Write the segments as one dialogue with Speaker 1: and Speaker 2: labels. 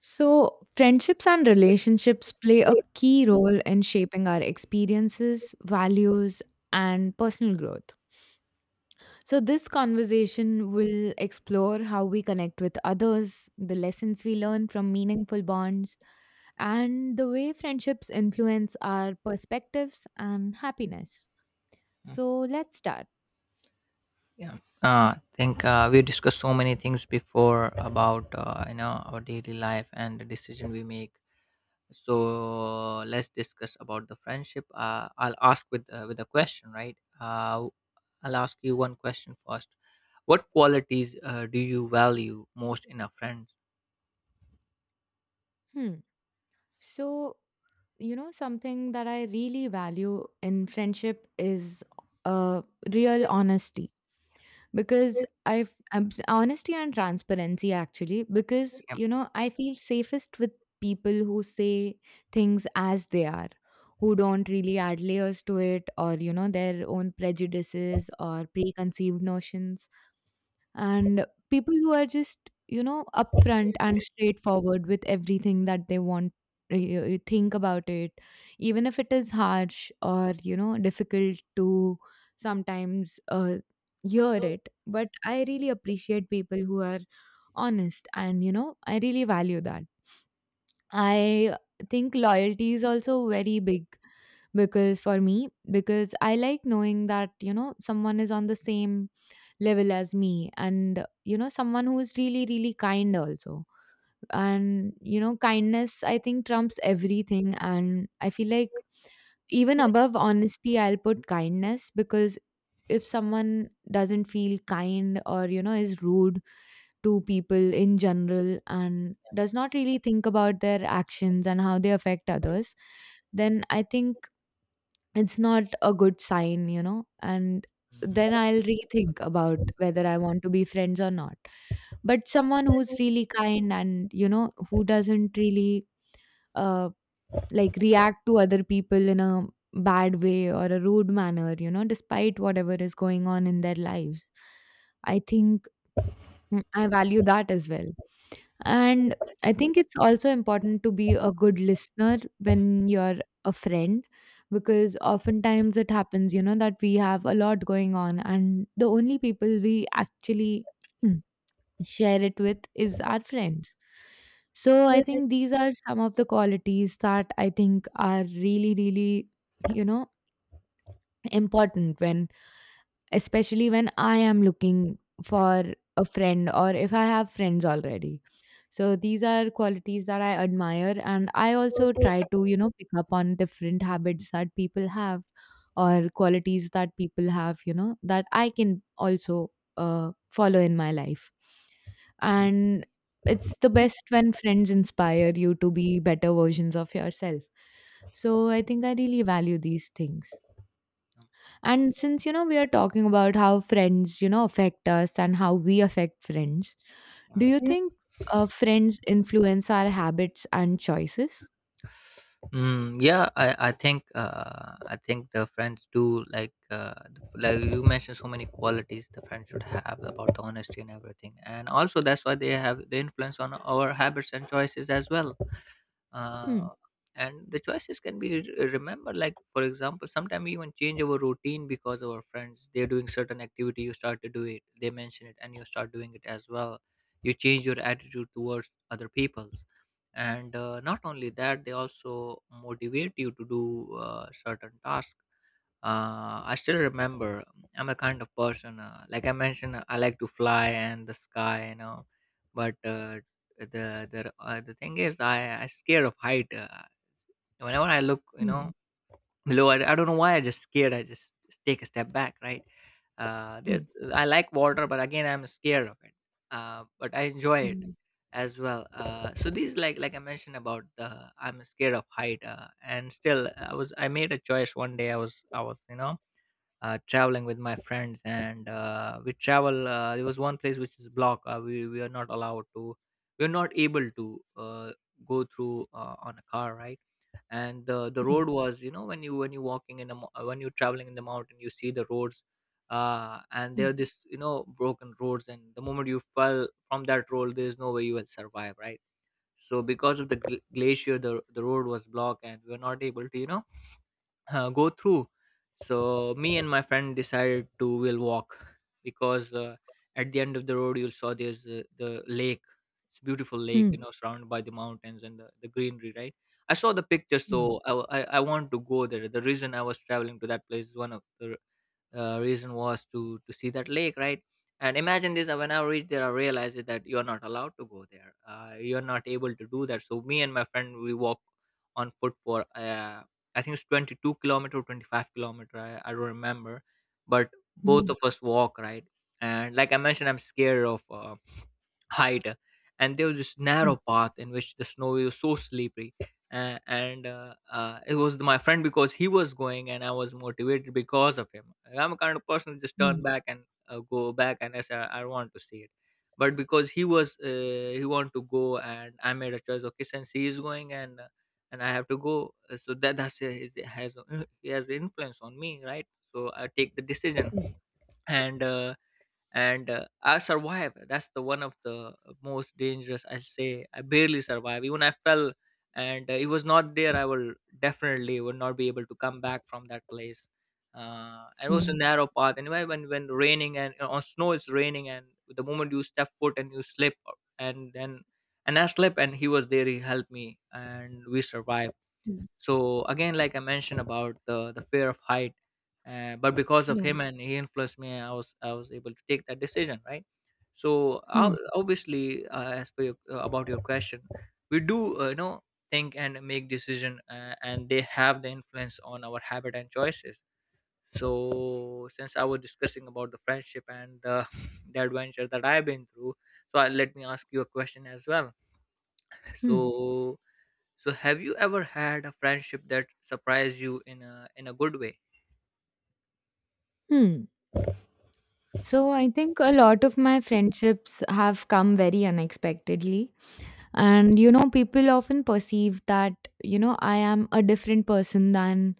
Speaker 1: So, friendships and relationships play a key role in shaping our experiences, values, and personal growth. So, this conversation will explore how we connect with others, the lessons we learn from meaningful bonds, and the way friendships influence our perspectives and happiness.
Speaker 2: Mm,
Speaker 1: So, let's start.
Speaker 2: Yeah. I think we discussed so many things before about you know our daily life and the decision we make. So let's discuss about the friendship. I'll ask with a question, right? I'll ask you one question first. What qualities do you value most in a friend?
Speaker 1: Hmm. So, you know, something that I really value in friendship is uh, real honesty because
Speaker 2: Yeah.
Speaker 1: honesty and transparency actually, because you know I feel safest with people who say things as they are, who don't really add layers to it or you know their own prejudices or preconceived notions, and people who are just you know upfront and straightforward with everything that they want. You think about it, even if it is harsh or you know difficult to sometimes hear it. But I really appreciate people who are honest, and you know I really value that. I think loyalty is also very big, because for me, because I like knowing that you know someone is on the same level as me, and you know someone who is really really kind also. And you know, kindness, I think, trumps everything, and I feel like even above honesty I'll put kindness. Because if someone doesn't feel kind or you know is rude to people in general and does not really think about their actions and how they affect others, then I think it's not a good sign, you know, and then I'll rethink about whether I want to be friends or not. But someone who's really kind and, you know, who doesn't really uh, like react to other people in a bad way or a rude manner, you know, despite whatever is going on in their lives. I think, I value that as well. And I think it's also important to be a good listener when you're a friend, because oftentimes it happens, you know, that we have a lot going on, and the only people we actually share it with is our friends. So I think these are some of the qualities that I think are really, really, you know, important when, especially when I am looking for a friend or if I have friends already. So these are qualities that I admire, and I also try to, you know, pick up on different habits that people have or qualities that people have, you know, that I can also follow in my life. And it's the best when friends inspire you to be better versions of yourself. So I think I really value these things. And since, you know, we are talking about how friends, you know, affect us and how we affect friends, do you
Speaker 2: Mhm.
Speaker 1: think friends influence our habits and choices?
Speaker 2: Yeah, I think I think the friends do like like you mentioned so many qualities the friends should have about the honesty and everything, and also that's why they have the influence on our habits and choices as well,
Speaker 1: Hmm.
Speaker 2: uh, and the choices can be remembered. Like for example, sometimes we even change our routine because our friends, they're doing certain activity, you start to do it, they mention it and you start doing it as well. You change your attitude towards other people's, and not only that, they also motivate you to do certain tasks. I still remember, I'm a kind of person, like I mentioned, I like to fly and the sky, you know. But the thing is, I scared of height. Whenever I look, you know,
Speaker 1: Hmm.
Speaker 2: below, I don't know why I just scared. I just take a step back, right? Uh, there's,
Speaker 1: Hmm.
Speaker 2: I like water, but again, I'm scared of it. But I enjoy it
Speaker 1: Hmm.
Speaker 2: as well. So these, like I mentioned about the, I'm scared of height, and still, I made a choice one day. I was you know traveling with my friends, and we travel, there was one place which is blocked. We are not allowed to, we're not able to go through on a car, right? And the
Speaker 1: Hmm.
Speaker 2: road was, you know, when you, when you're walking in the when you're traveling in the mountain, you see the roads, and there are this, you know, broken roads, and the moment you fell from that road, there's no way you will survive, right? So because of the glacier, the road was blocked and we were not able to, you know, go through. So me and my friend decided to will walk, because at the end of the road, you'll saw there's the lake. It's a beautiful lake,
Speaker 1: Hmm.
Speaker 2: you know, surrounded by the mountains and the greenery, right? I saw the picture.
Speaker 1: Hmm.
Speaker 2: So I I want to go there. The reason I was traveling to that place is one of the reason was to see that lake, right? And imagine this, when I reached there, I realized that you are not allowed to go there, you are not able to do that. So me and my friend, we walked on foot for I think it's 22 kilometers kilometer, 25 kilometers kilometer, I don't remember. But both
Speaker 1: Hmm.
Speaker 2: of us walk, right? And like I mentioned, I'm scared of hide, and there was this
Speaker 1: Hmm. Hmm.
Speaker 2: narrow path in which the snow was so slippery. And it was my friend, because he was going and I was motivated because of him. I'm a kind of person who just
Speaker 1: Hmm.
Speaker 2: turn back and go back, and I say I want to see it. But because he was he want to go, and I made a choice, okay, since he is going, and I have to go, so that that's his, has, he has influence on me, right? So I take the decision, and uh, and I survived. That's the one of the most dangerous. I say I barely survived. Even I fell, and it was not there, I will definitely would not be able to come back from that place. And it was
Speaker 1: Hmm.
Speaker 2: a narrow path anyway, when raining and on snow, it's raining, and the moment you step foot and you slip, and then, and I slipped, and he was there, he helped me and we survived.
Speaker 1: Hmm.
Speaker 2: So again, like I mentioned about the fear of height, but because of
Speaker 1: Yeah.
Speaker 2: him and he influenced me, I was able to take that decision, right? So
Speaker 1: Hmm.
Speaker 2: obviously, as for your, about your question, we do, you know, think and make decision, and they have the influence on our habit and choices. So since I was discussing about the friendship and the adventure that I've been through, so let me ask you a question as well.
Speaker 1: Hmm.
Speaker 2: So, so have you ever had a friendship that surprised you in a good way?
Speaker 1: Hmm. So I think a lot of my friendships have come very unexpectedly. And, you know, people often perceive that, you know, I am a different person than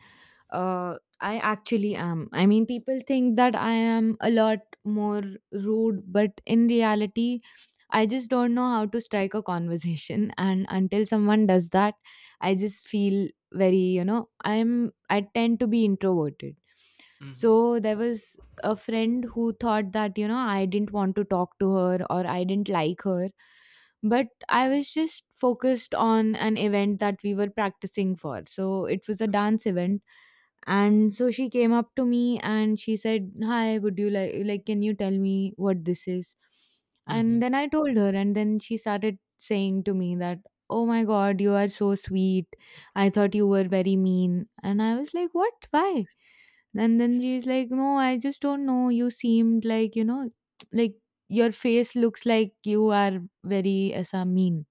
Speaker 1: uh, I actually am. I mean, people think that I am a lot more rude, but in reality, I just don't know how to strike a conversation. And until someone does that, I just feel very, you know, I tend to be introverted.
Speaker 2: Hmm.
Speaker 1: So there was a friend who thought that, you know, I didn't want to talk to her or I didn't like her. But I was just focused on an event that we were practicing for. So it was a dance event, and so she came up to me and she said, "Hi, would you like can you tell me what this is?" And
Speaker 2: Mm-hmm.
Speaker 1: then I told her, and then she started saying to me that, "Oh my god, you are so sweet. I thought you were very mean." And I was like, "What? Why?" And then she's like, "No, I just don't know. You seemed like, you know, like your face looks like you are very asa mean."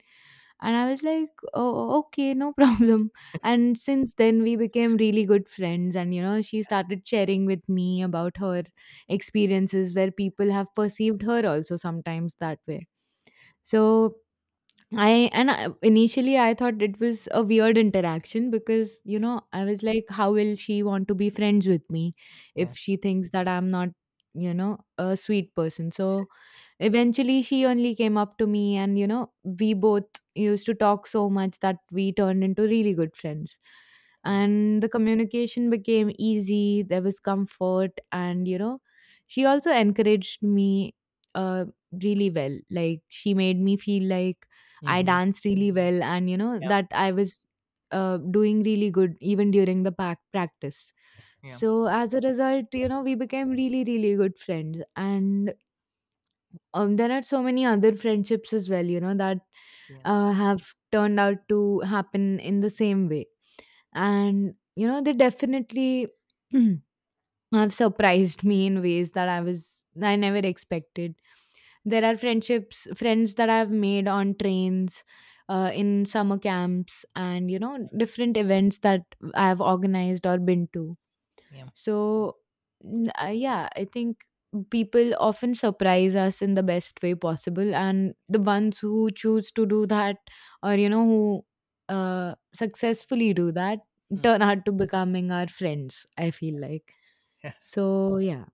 Speaker 1: And
Speaker 2: Yeah.
Speaker 1: I was like, oh, okay, no problem. And since then, we became really good friends. And, you know, she started sharing with me about her experiences where people have perceived her also sometimes that way. So initially I thought it was a weird interaction, because you
Speaker 2: Yeah.
Speaker 1: know I was like, how will she want to be friends with me if
Speaker 2: Yeah.
Speaker 1: she thinks that I'm not, you know, a sweet person? So eventually she only came up to me, and you know we both used to talk so much that we turned into really good friends,
Speaker 2: Um,
Speaker 1: and the communication became easy. There was comfort, and you know she also encouraged me uh, really well. Like she made me feel like I
Speaker 2: mm-hmm.
Speaker 1: danced really well, and you know
Speaker 2: Yeah.
Speaker 1: that I was doing really good even during the pack practice.
Speaker 2: Yeah.
Speaker 1: So as a result, you know, we became really, really good friends, and there are so many other friendships as well, you know, that
Speaker 2: Yeah.
Speaker 1: have turned out to happen in the same way, and you know, they definitely have surprised me in ways that I never expected. There are friendships, friends that I've made on trains, in summer camps, and you know,
Speaker 2: Yeah.
Speaker 1: different events that I've organized or been to.
Speaker 2: Yeah.
Speaker 1: So, yeah, I think people often surprise us in the best way possible, and the ones who choose to do that, or you know, who successfully do that,
Speaker 2: Mm.
Speaker 1: turn out to becoming our friends. I feel like, so, yeah.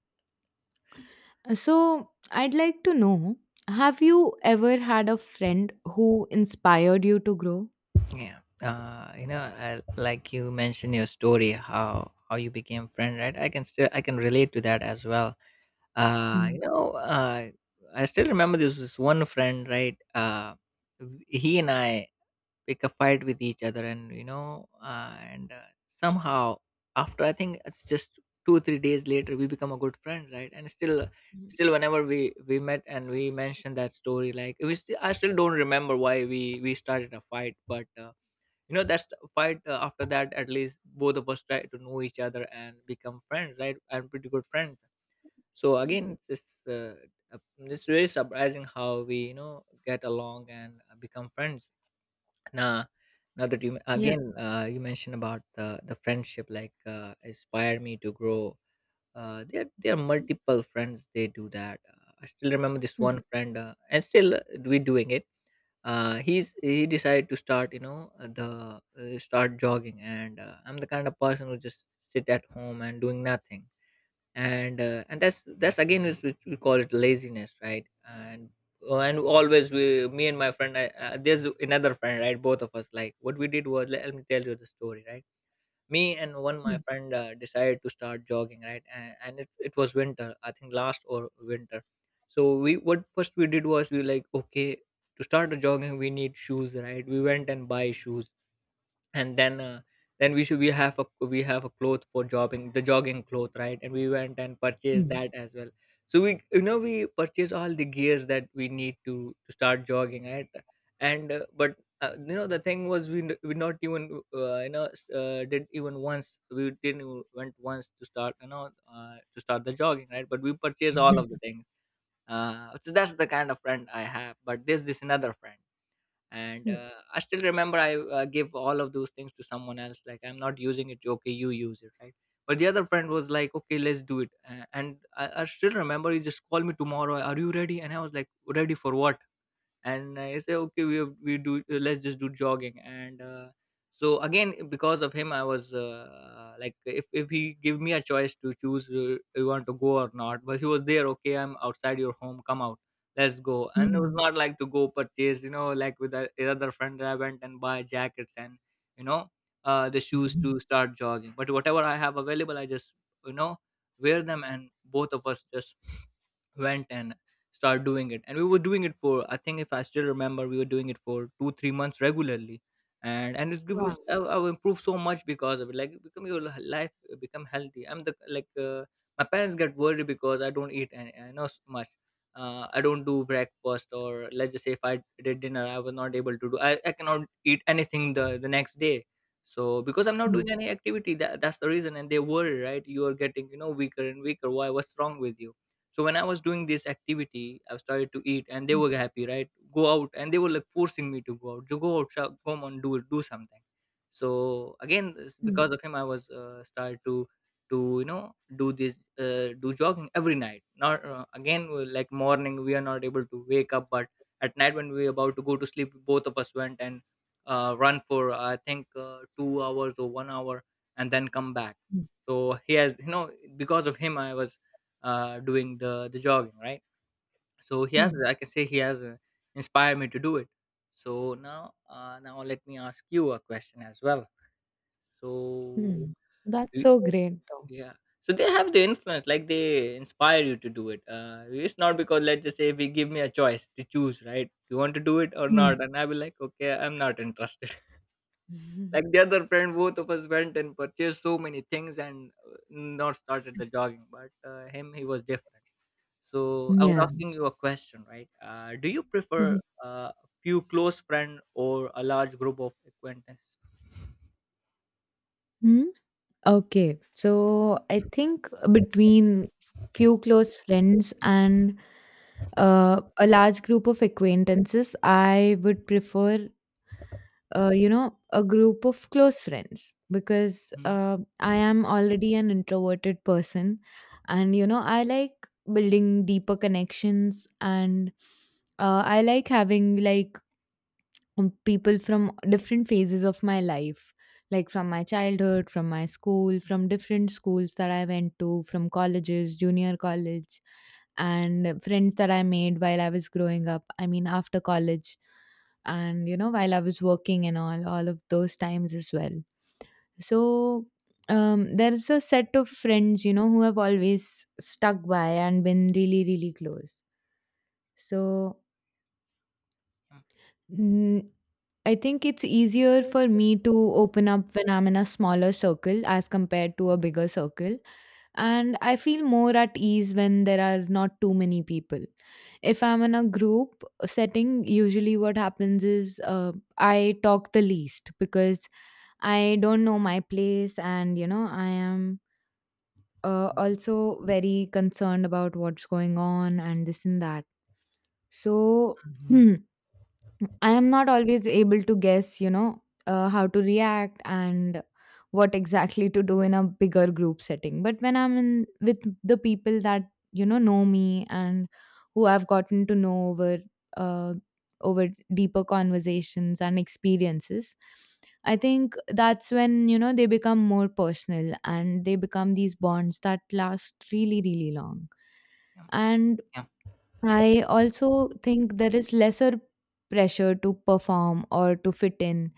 Speaker 1: So, I'd like to know, have you ever had a friend who inspired you to grow?
Speaker 2: Yeah. You know, I, like you mentioned your story, how you became friend, right? I can still I can relate to that as well. Uh,
Speaker 1: Mhm.
Speaker 2: you know, uh, I still remember, this was one friend, right? He and I pick a fight with each other, and you know, and somehow after I think it's just 2 or 3 days later, we become a good friend, right? And still. Still, whenever we met and we mentioned that story, like we still, I still don't remember why we started a fight, but you know, that's the fight, after that, at least both of us try to know each other and become friends, right? And pretty good friends. So
Speaker 1: Mm.
Speaker 2: again, it's this uh, it's very surprising how we, you know, get along and become friends. Now, now that you
Speaker 1: Yeah.
Speaker 2: again you mentioned about the friendship like inspired me to grow, there are multiple friends, they do that. I still remember this
Speaker 1: Mm.
Speaker 2: one friend, and still we doing it. He decided to start, you know, the start jogging, and I'm the kind of person who just sit at home and doing nothing. And and that's again is which we call it laziness, right? And and always we, me and my friend, there's another friend, right? Both of us, like, what we did was, let me tell you the story, right? Me and one my
Speaker 1: Mm.
Speaker 2: friend decided to start jogging, right? And it was winter, I think last or winter. So we, what first we did was, we like, okay, to start a jogging, we need shoes, right? We went and buy shoes, and then we should we have a, we have a cloth for jogging, the jogging cloth, right? And we went and purchased
Speaker 1: Mm.
Speaker 2: that as well. So we, you know, we purchase all the gears that we need to start jogging, right? And but you know, the thing was, we not even you know, did even once, we didn't even went once to start, you know, to start the jogging, right? But we purchased all of the things. So that's the kind of friend I have. But there's this another friend, and
Speaker 1: Mm.
Speaker 2: I still remember, I give all of those things to someone else, like I'm not using it, okay, you use it, right? But the other friend was like, okay, let's do it. I still remember, he just called me, tomorrow are you ready? And I was like, ready for what? And I say, okay, we do let's just do jogging. And so again, because of him, I was like, if he give me a choice to choose you want to go or not. But he was there, okay, I'm outside your home, come out, let's go. And it was
Speaker 1: Mhm.
Speaker 2: not like to go purchase, you know, like with the other friend, I went and buy jackets and, you know, the shoes
Speaker 1: Mhm.
Speaker 2: to start jogging. But whatever I have available, I just, you know, wear them, and both of us just went and start doing it. And we were doing it for, I think, if I still remember, we were doing it for 2 3 months regularly. And it's give you,
Speaker 1: Wow.
Speaker 2: I've improved so much because of it. Like become your life, become healthy. I'm the like, my parents get worried because I don't eat, and I know much. I don't do breakfast, or let's just say if I did dinner, I was not able to do, I cannot eat anything the next day. So because I'm not
Speaker 1: Mm.
Speaker 2: doing any activity, that's the reason. And they worry, right? You are getting, you know, weaker and weaker, why, what's wrong with you? So when I was doing this activity, I started to eat, and they were happy, right? Go out, and they were like forcing me to go out. You go out, Shah, come on, do it, do something. So again, it's
Speaker 1: Mm.
Speaker 2: because of him, I was started to to do this do jogging every night. Not again like morning, we are not able to wake up, but at night when we about to go to sleep, both of us went and run for I think 2 hours or 1 hour, and then come back.
Speaker 1: Mm.
Speaker 2: So he has, you know, because of him, I was doing the jogging, right? So he has,
Speaker 1: Mm.
Speaker 2: I can say, he has inspired me to do it. So now, now let me ask you a question as well. So,
Speaker 1: Mm. That's
Speaker 2: do
Speaker 1: so great, though.
Speaker 2: yeah, so they have the influence, like they inspire you to do it. It's not because let's just say we give me a choice to choose, right? You want to do it or
Speaker 1: Mm.
Speaker 2: not, and I will like, okay, I'm not interested.
Speaker 1: Mhm.
Speaker 2: Like the other friend, both of us went and purchased so many things and not started the jogging, but him, he was different. So I was
Speaker 1: Yeah.
Speaker 2: asking you a question, right? Do you prefer
Speaker 1: Mhm.
Speaker 2: a few close friend or a large group of acquaintance?
Speaker 1: Hmm? Okay, so I think between few close friends and a large group of acquaintances, I would prefer you know a group of close friends, because
Speaker 2: Mhm.
Speaker 1: I am already an introverted person, and you know I like building deeper connections, and I like having like people from different phases of my life, like from my childhood, from my school, from different schools that I went to, from colleges, junior college, and friends that I made while I was growing up, I mean after college, and you know while I was working and all of those times as well. So there's a set of friends, you know, who have always stuck by and been really really close. So,
Speaker 2: Yeah.
Speaker 1: Mm, I think it's easier
Speaker 2: Good.
Speaker 1: for me to open up when I'm in a smaller circle as compared to a bigger circle. And I feel more at ease when there are not too many people. If I'm in a group setting, usually what happens is I talk the least, because I don't know my place and, you know, I am
Speaker 2: Mhm.
Speaker 1: also very concerned about what's going on and this and that. So
Speaker 2: Mhm.
Speaker 1: I
Speaker 2: Mhm.
Speaker 1: am not always able to guess, you know, how to react and what exactly to do in a bigger group setting. But when I'm in with the people that you know me and who I've gotten to know over uh, over deeper conversations and experiences, I think that's when you know they become more personal and they become these bonds that last really really long.
Speaker 2: Yeah.
Speaker 1: And
Speaker 2: Yeah.
Speaker 1: I also think there is lesser pressure to perform or to fit in.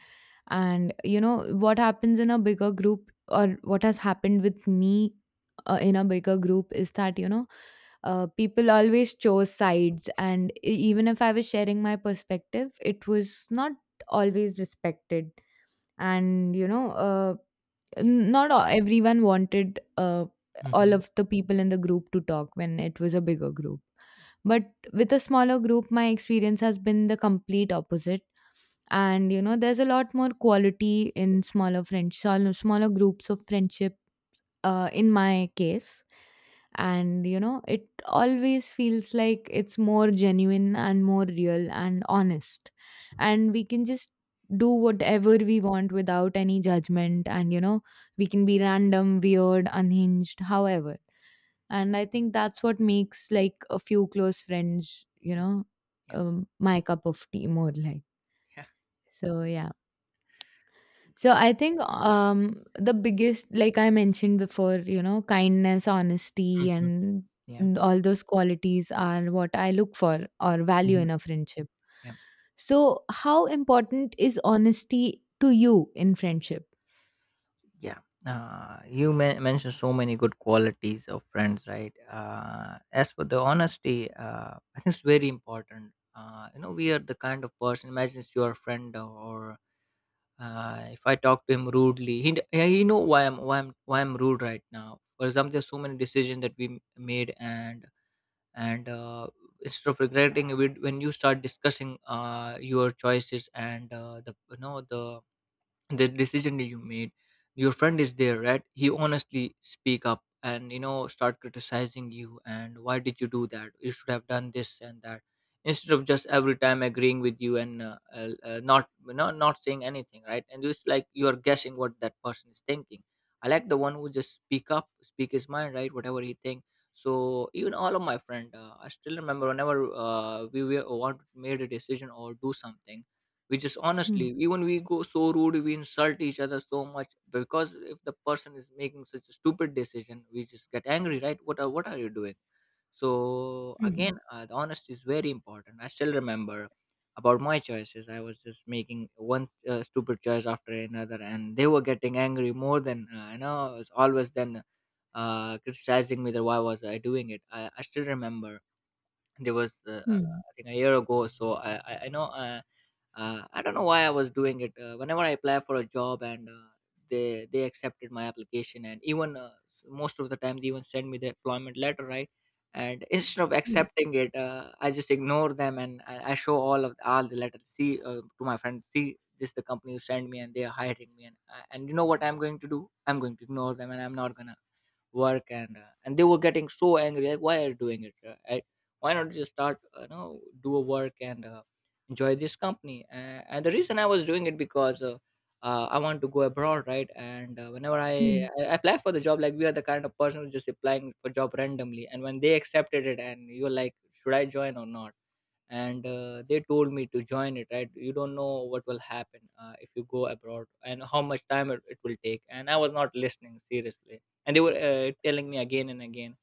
Speaker 1: And, you know, what happens in a bigger group or what has happened with me in a bigger group is that, you know, people always chose sides. And even if I was sharing my perspective, it was not always respected. And, you know,
Speaker 2: Yeah.
Speaker 1: not everyone wanted all
Speaker 2: Mhm.
Speaker 1: of the people in the group to talk when it was a bigger group. But with a smaller group, my experience has been the complete opposite, and you know there's a lot more quality in smaller friends, smaller groups of friendship, in my case. And you know it always feels like it's more genuine and more real and honest, and we can just do whatever we want without any judgment, and you know we can be random, weird, unhinged, however, and I think that's what makes like a few close friends, you
Speaker 2: Yeah.
Speaker 1: know,
Speaker 2: Yeah.
Speaker 1: my cup of tea more like.
Speaker 2: Yeah.
Speaker 1: So, yeah. So
Speaker 2: Agree.
Speaker 1: I think, the biggest, like I mentioned before, you know, kindness, honesty
Speaker 2: Mhm.
Speaker 1: and
Speaker 2: Yeah.
Speaker 1: all those qualities are what I look for or value in
Speaker 2: Mhm.
Speaker 1: a friendship.
Speaker 2: Yeah.
Speaker 1: So how important is honesty to you in friendship?
Speaker 2: Yeah. You mentioned so many good qualities of friends, right? As for the honesty, I think it's very important. You know, we are the kind of person. Imagine it's your friend or if I talk to him rudely, yeah, he know why I'm rude right now. For example, there's so many decisions that we made, and instead of regretting it, when you start discussing your choices and the, you know, the decision that you made, your friend is there, right? He honestly speak up and, you know, start criticizing you, and why did you do that, you should have done this and that, instead of just every time agreeing with you and not saying anything, right? And it's like you are guessing what that person is thinking. I like the one who just speak up, speak his mind, right, whatever he think. So even all of my friend, I still remember whenever we were, want made a decision or do something, we just honestly,
Speaker 1: Hmm.
Speaker 2: even we go so rude, we insult each other so much, because if the person is making such a stupid decision, we just get angry, right? What are you doing? So
Speaker 1: Hmm.
Speaker 2: again, the honesty is very important. I still remember about my choices, I was just making one stupid choice after another, and they were getting angry more than, you know, it's always then criticizing me, that why was I doing it. I still remember there was
Speaker 1: Hmm.
Speaker 2: I think a year ago or so, I know, I don't know why I was doing it. Whenever I apply for a job and they accepted my application, and even, most of the time they even send me the employment letter, right? And instead of
Speaker 1: Hmm.
Speaker 2: accepting it, I just ignore them, and I show all of all the letters, see, to my friend, see, this is the company who sent me and they are hiring me, and you know what I'm going to do, I'm going to ignore them and I'm not gonna work. And and they were getting so angry, like, why are you doing it? Why not just start, you know, do a work and enjoy this company? And the reason I was doing it, because I want to go abroad, right? And whenever I apply for the job, like we are the kind of person who's just applying for job randomly, and when they accepted it, and you're like, should I join or not? And they told me to join it, right? You don't know what will happen if you go abroad and how much time it will take, and I was not listening seriously. And they were telling me again and again.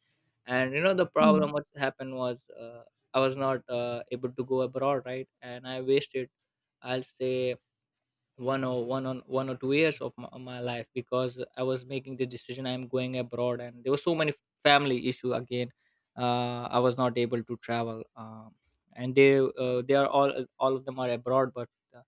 Speaker 2: And you know the
Speaker 1: Hmm.
Speaker 2: problem, what happened was, I was not able to go abroad, right? And I wasted, I'll say, 1 or 2 years of my, my life, because I was making the decision I'm going abroad, and there were so many family issue. Again, I was not able to travel. And they, they are all of them are abroad, but uh,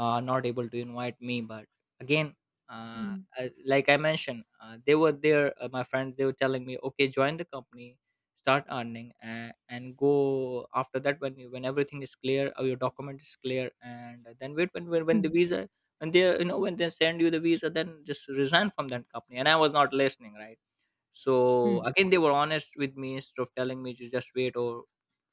Speaker 2: uh, not able to invite me. But again,
Speaker 1: Hmm.
Speaker 2: like I mentioned, they were there, my friends, they were telling me, okay, join the company, start earning, and go after that when you, when everything is clear, or your document is clear, and then wait, when when the
Speaker 1: Hmm.
Speaker 2: visa, and they, you know, when they send you the visa, then just resign from that company, and I was not listening, right? So
Speaker 1: Hmm.
Speaker 2: again, they were honest with me, instead of telling me to just wait or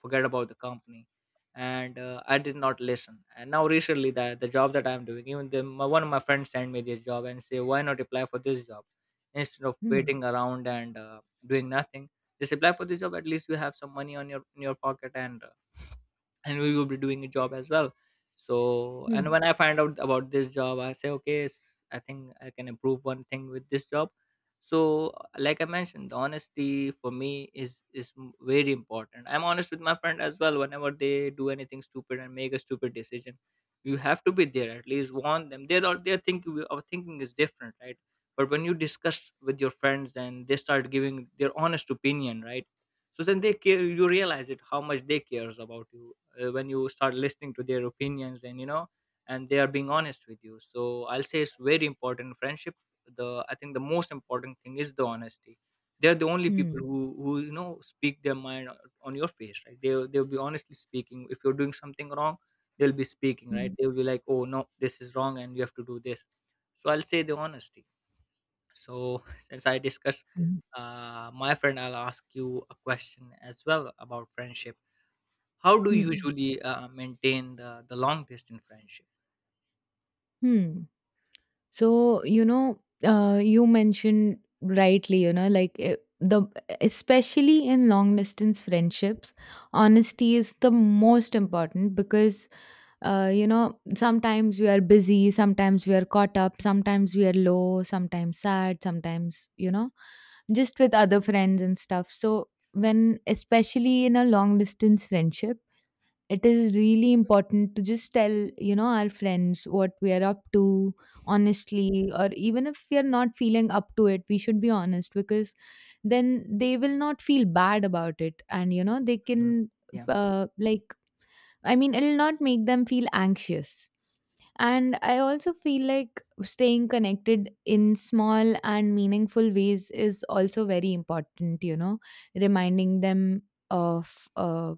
Speaker 2: forget about the company. And I did not listen. And now recently, the job that I'm doing, even the, my, one of my friends sent me this job and say, why not apply for this job instead of
Speaker 1: Hmm.
Speaker 2: waiting around and doing nothing? Just apply for this job. At least you have some money on your in your pocket, and we will be doing a job as well. So,
Speaker 1: Hmm.
Speaker 2: and when I find out about this job, I say, okay, I think I can improve one thing with this job. So, like I mentioned, the honesty for me is very important. I'm honest with my friend as well, whenever they do anything stupid and make a stupid decision, you have to be there, at least warn them. They're not, they're thinking, our thinking is different, right? But when you discuss with your friends and they start giving their honest opinion, right, so then they care, you realize it how much they cares about you, when you start listening to their opinions, and you know, and they are being honest with you. So I'll say it's very important in friendship. The, I think the most important thing is the honesty. They're the only people
Speaker 1: Hmm.
Speaker 2: who, you know, speak their mind on your face, right? They they'll be honestly speaking, if you're doing something wrong, they'll be speaking,
Speaker 1: Hmm.
Speaker 2: right?
Speaker 1: Hmm.
Speaker 2: They'll be like, oh no, this is wrong and you have to do this. So I'll say the honesty. So since I discussed
Speaker 1: Hmm.
Speaker 2: my friend, I'll ask you a question as well about friendship. How do you
Speaker 1: Hmm.
Speaker 2: usually maintain the long distance friendship?
Speaker 1: Hmm. So, you mentioned rightly, you know, like eh, the especially in long distance friendships, honesty is the most important because, you know, sometimes we are busy, sometimes we are caught up, sometimes we are low, sometimes sad, sometimes, you know, just with other friends and stuff. So, when especially in a long distance friendship, it is really important to just tell you know our friends what we are up to honestly, or even if we are not feeling up to it we should be honest, because then they will not feel bad about it and you know they
Speaker 2: Mhm.
Speaker 1: can
Speaker 2: Yeah.
Speaker 1: uh, like I mean it'll not make them feel anxious.
Speaker 2: Yeah.
Speaker 1: And I also feel like staying connected in small and meaningful ways is also very important, you know, reminding them of uh,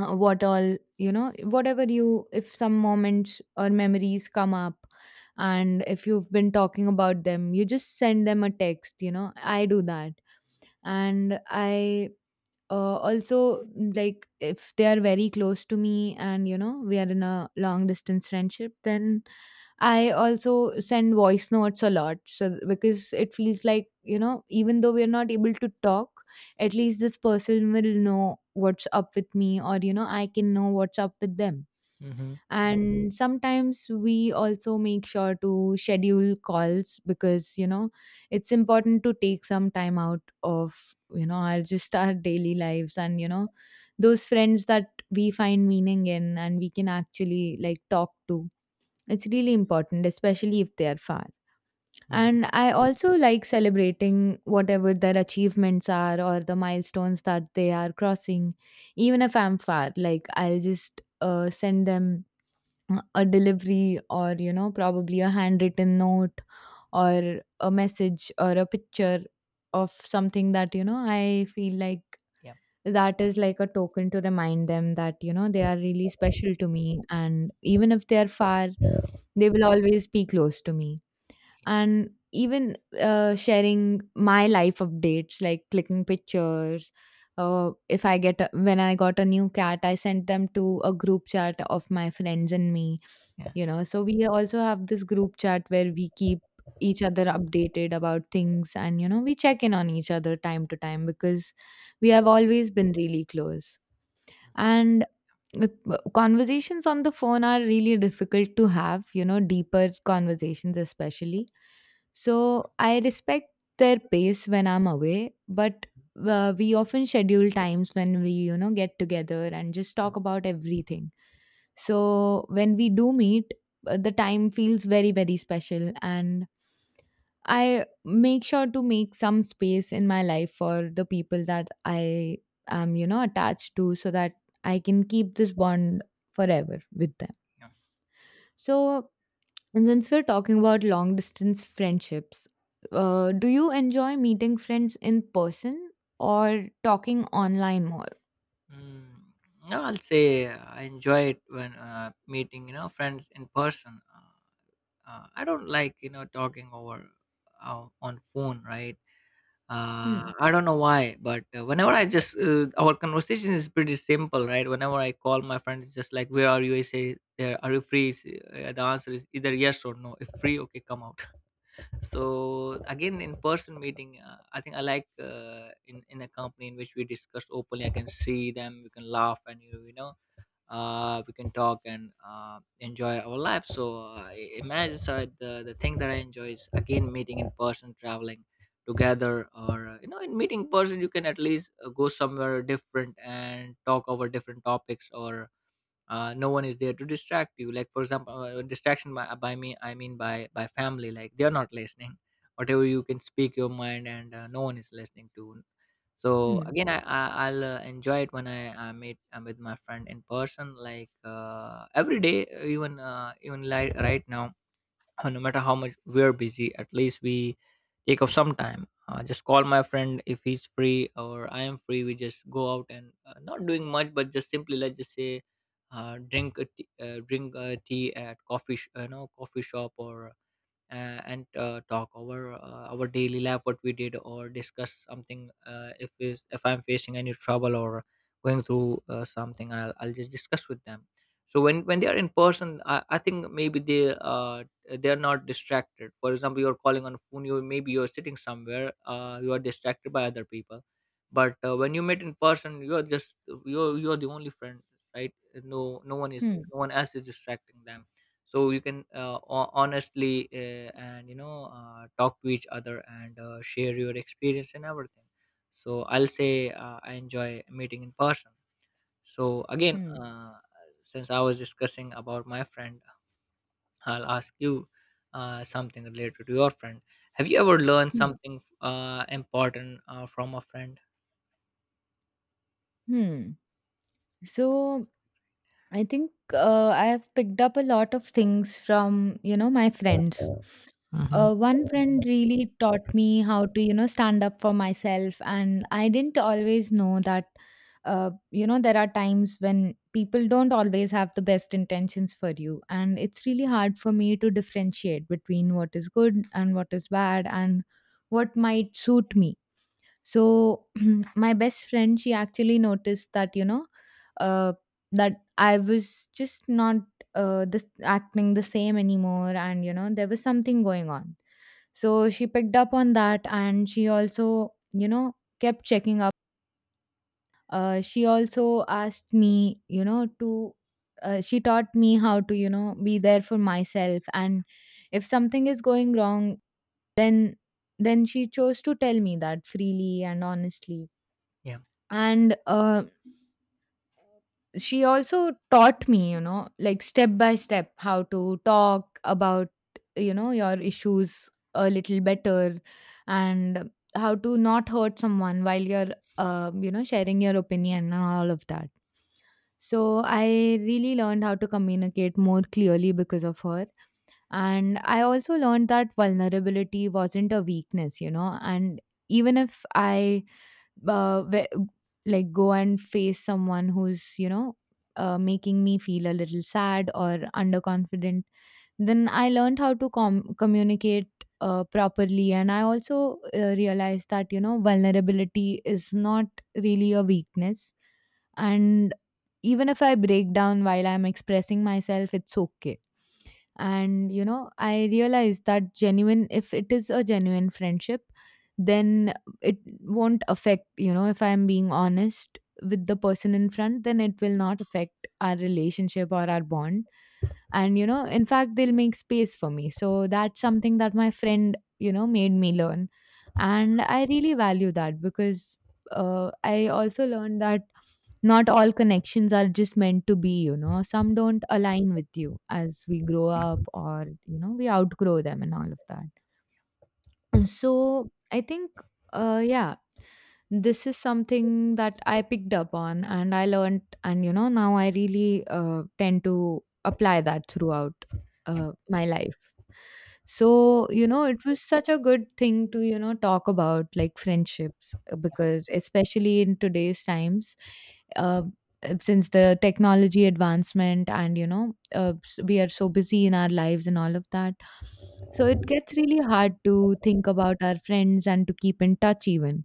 Speaker 1: uh, what all you know whatever you if some moments or memories come up and if you've been talking about them, you just send them a text, you know, I do that. And I also, like if they are very close to me and you know we are in a long distance friendship, then I also send voice notes a lot. So because it feels like, you know, even though we're not able to talk, at least this person will know what's up with me, or you know, I can know what's up with them.
Speaker 2: Mm-hmm. Yeah.
Speaker 1: And sometimes we also make sure to schedule calls because, you know, it's important to take some time out of, you know, our just our daily lives and, you know, those friends that we find meaning in and we can actually like talk to, it's really important, especially if they are far.
Speaker 2: Mm-hmm.
Speaker 1: And I also like celebrating whatever their achievements are or the milestones that they are crossing, even if I'm far. Like, I'll just send them a delivery or, you know, probably a handwritten note or a message or a picture of something that, you know, I feel like
Speaker 2: Yeah.
Speaker 1: that is like a token to remind them that you know they are really special to me, and even if they are far they will always be close to me. And even sharing my life updates, like clicking pictures. If I get a, when I got a new cat, I sent them to a group chat of my friends and me.
Speaker 2: Yeah.
Speaker 1: You know, so we also have this group chat where we keep each other updated about things, and you know, we check in on each other time to time because we have
Speaker 2: Mhm.
Speaker 1: always been really close. And uh, conversations on the phone are really difficult to have, you know, deeper conversations, especially. So I respect their pace when I'm away, but we often schedule times when we, you know, get together and just talk about everything. So when we do meet, the time feels very, very special. And I make sure to make some space in my life for the people that I am, you know, attached to, so that I can keep this bond forever with them.
Speaker 2: Yeah.
Speaker 1: So, and since we're talking about long distance friendships, do you enjoy meeting friends in person or talking online more?
Speaker 2: Mm, no, I'll say I enjoy it when meeting, you know, friends in person. I don't like, you know, talking over on phone, right?
Speaker 1: Hmm.
Speaker 2: I don't know why, but whenever I just our conversation is pretty simple, right? Whenever I call my friend, it's just like, "Where are you?" I say, "There, are you free?" The answer is either yes or no. If free, okay, come out. So again, in person meeting, I think I like in a company in which we discuss openly. I can see them, we can laugh, and you know, we can talk and enjoy our life. So imagine, so the thing that I enjoy is again meeting in person, traveling together, or you know, in meeting person you can at least go somewhere different and talk over different topics, or no one is there to distract you. Like for example, distraction by me I mean by family, like they are not listening. Whatever, you can speak your mind, and no one is listening to. So
Speaker 1: Hmm.
Speaker 2: again, I I'll enjoy it when I meet with my friend in person, like every day, even even like right now. No matter how much we're busy, at least we take off some time. Just call my friend if he's free or I am free. We just go out and not doing much, but just simply let's just say, drink a tea at coffee, you know, coffee shop or and talk over our daily life, what we did, or discuss something, if is if I'm facing any trouble or going through something, I'll just discuss with them. So when they are in person, I think maybe they they're not distracted. For example, you're calling on phone, you maybe you're sitting somewhere, you are distracted by other people. But when you meet in person, you're just, you're the only friend, right?
Speaker 1: Hmm.
Speaker 2: No one else is distracting them. So you can, honestly, and you know, talk to each other and share your experience and everything. So I'll say I enjoy meeting in person. So again,
Speaker 1: Hmm.
Speaker 2: since I was discussing about my friend, I'll ask you something related to your friend. Have you ever learned
Speaker 1: Hmm.
Speaker 2: something important from a friend?
Speaker 1: Hmm. So, I think I have picked up a lot of things from, you know, my friends.
Speaker 2: Hmm.
Speaker 1: One friend really taught me how to, you know, stand up for myself. And I didn't always know that, you know, there are times when people don't always have the best intentions for you. And it's really hard for me to differentiate between what is good and what is bad and what might suit me. So my best friend, she actually noticed that, you know, uh, that I was just not this acting the same anymore, and you know, there was something going on. So she picked up on that, and she also, you know, kept checking up. She also asked me, you know, to. She taught me how to, you know, be there for myself, and if something is going wrong, then then she chose to tell me that freely and honestly.
Speaker 2: Yeah.
Speaker 1: And she also taught me, you know, like step by step how to talk about, you know, your issues a little better, and how to not hurt someone while you're you know sharing your opinion and all of that. So I really learned how to communicate more clearly because of her. And I also learned that vulnerability wasn't a weakness, you know, and even if I uh, ve- like go and face someone who's, you know, making me feel a little sad or underconfident, then I learned how to communicate properly. And I also realized that, you know, vulnerability is not really a weakness. And even if I break down while I'm expressing myself, it's okay, and you know I realized that genuine if it is a genuine friendship, then it won't affect, you know, if I'm being honest with the person in front then it will not affect our relationship or our bond. And you know in fact they'll make space for me, so that's something that my friend, you know, made me learn. And I really value that because I also learned that not all connections are just meant to be, you know. Some don't align with you as we grow up or, you know, we outgrow them and all of that. And so I think, yeah, this is something that I picked up on and I learned, and you know, now I really tend to apply that throughout my life. So, you know, it was such a good thing to, you know, talk about like friendships because, especially in today's times, uh, since the technology advancement and, you know, we are so busy in our lives and all of that, so it gets really hard to think about our friends and to keep in touch even.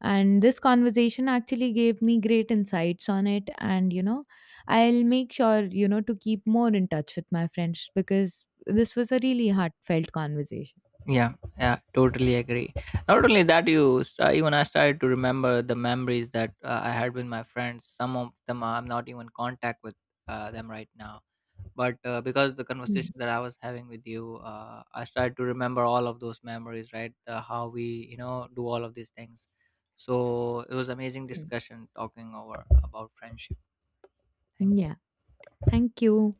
Speaker 1: And this conversation actually gave me great insights on it. And, you know, I'll make sure, you know, to keep more in touch with my friends because this was a really heartfelt conversation.
Speaker 2: Yeah, yeah, totally agree. Not only that, even I started to remember the memories that I had with my friends. Some of them I'm not even in contact with them right now, but because the
Speaker 1: Mm.
Speaker 2: conversation that I was having with you, I started to remember all of those memories. Right, how we, you know, do all of these things. So it was amazing
Speaker 1: Mm.
Speaker 2: discussion talking over about friendship. Thank
Speaker 1: Yeah.
Speaker 2: you.
Speaker 1: Thank you.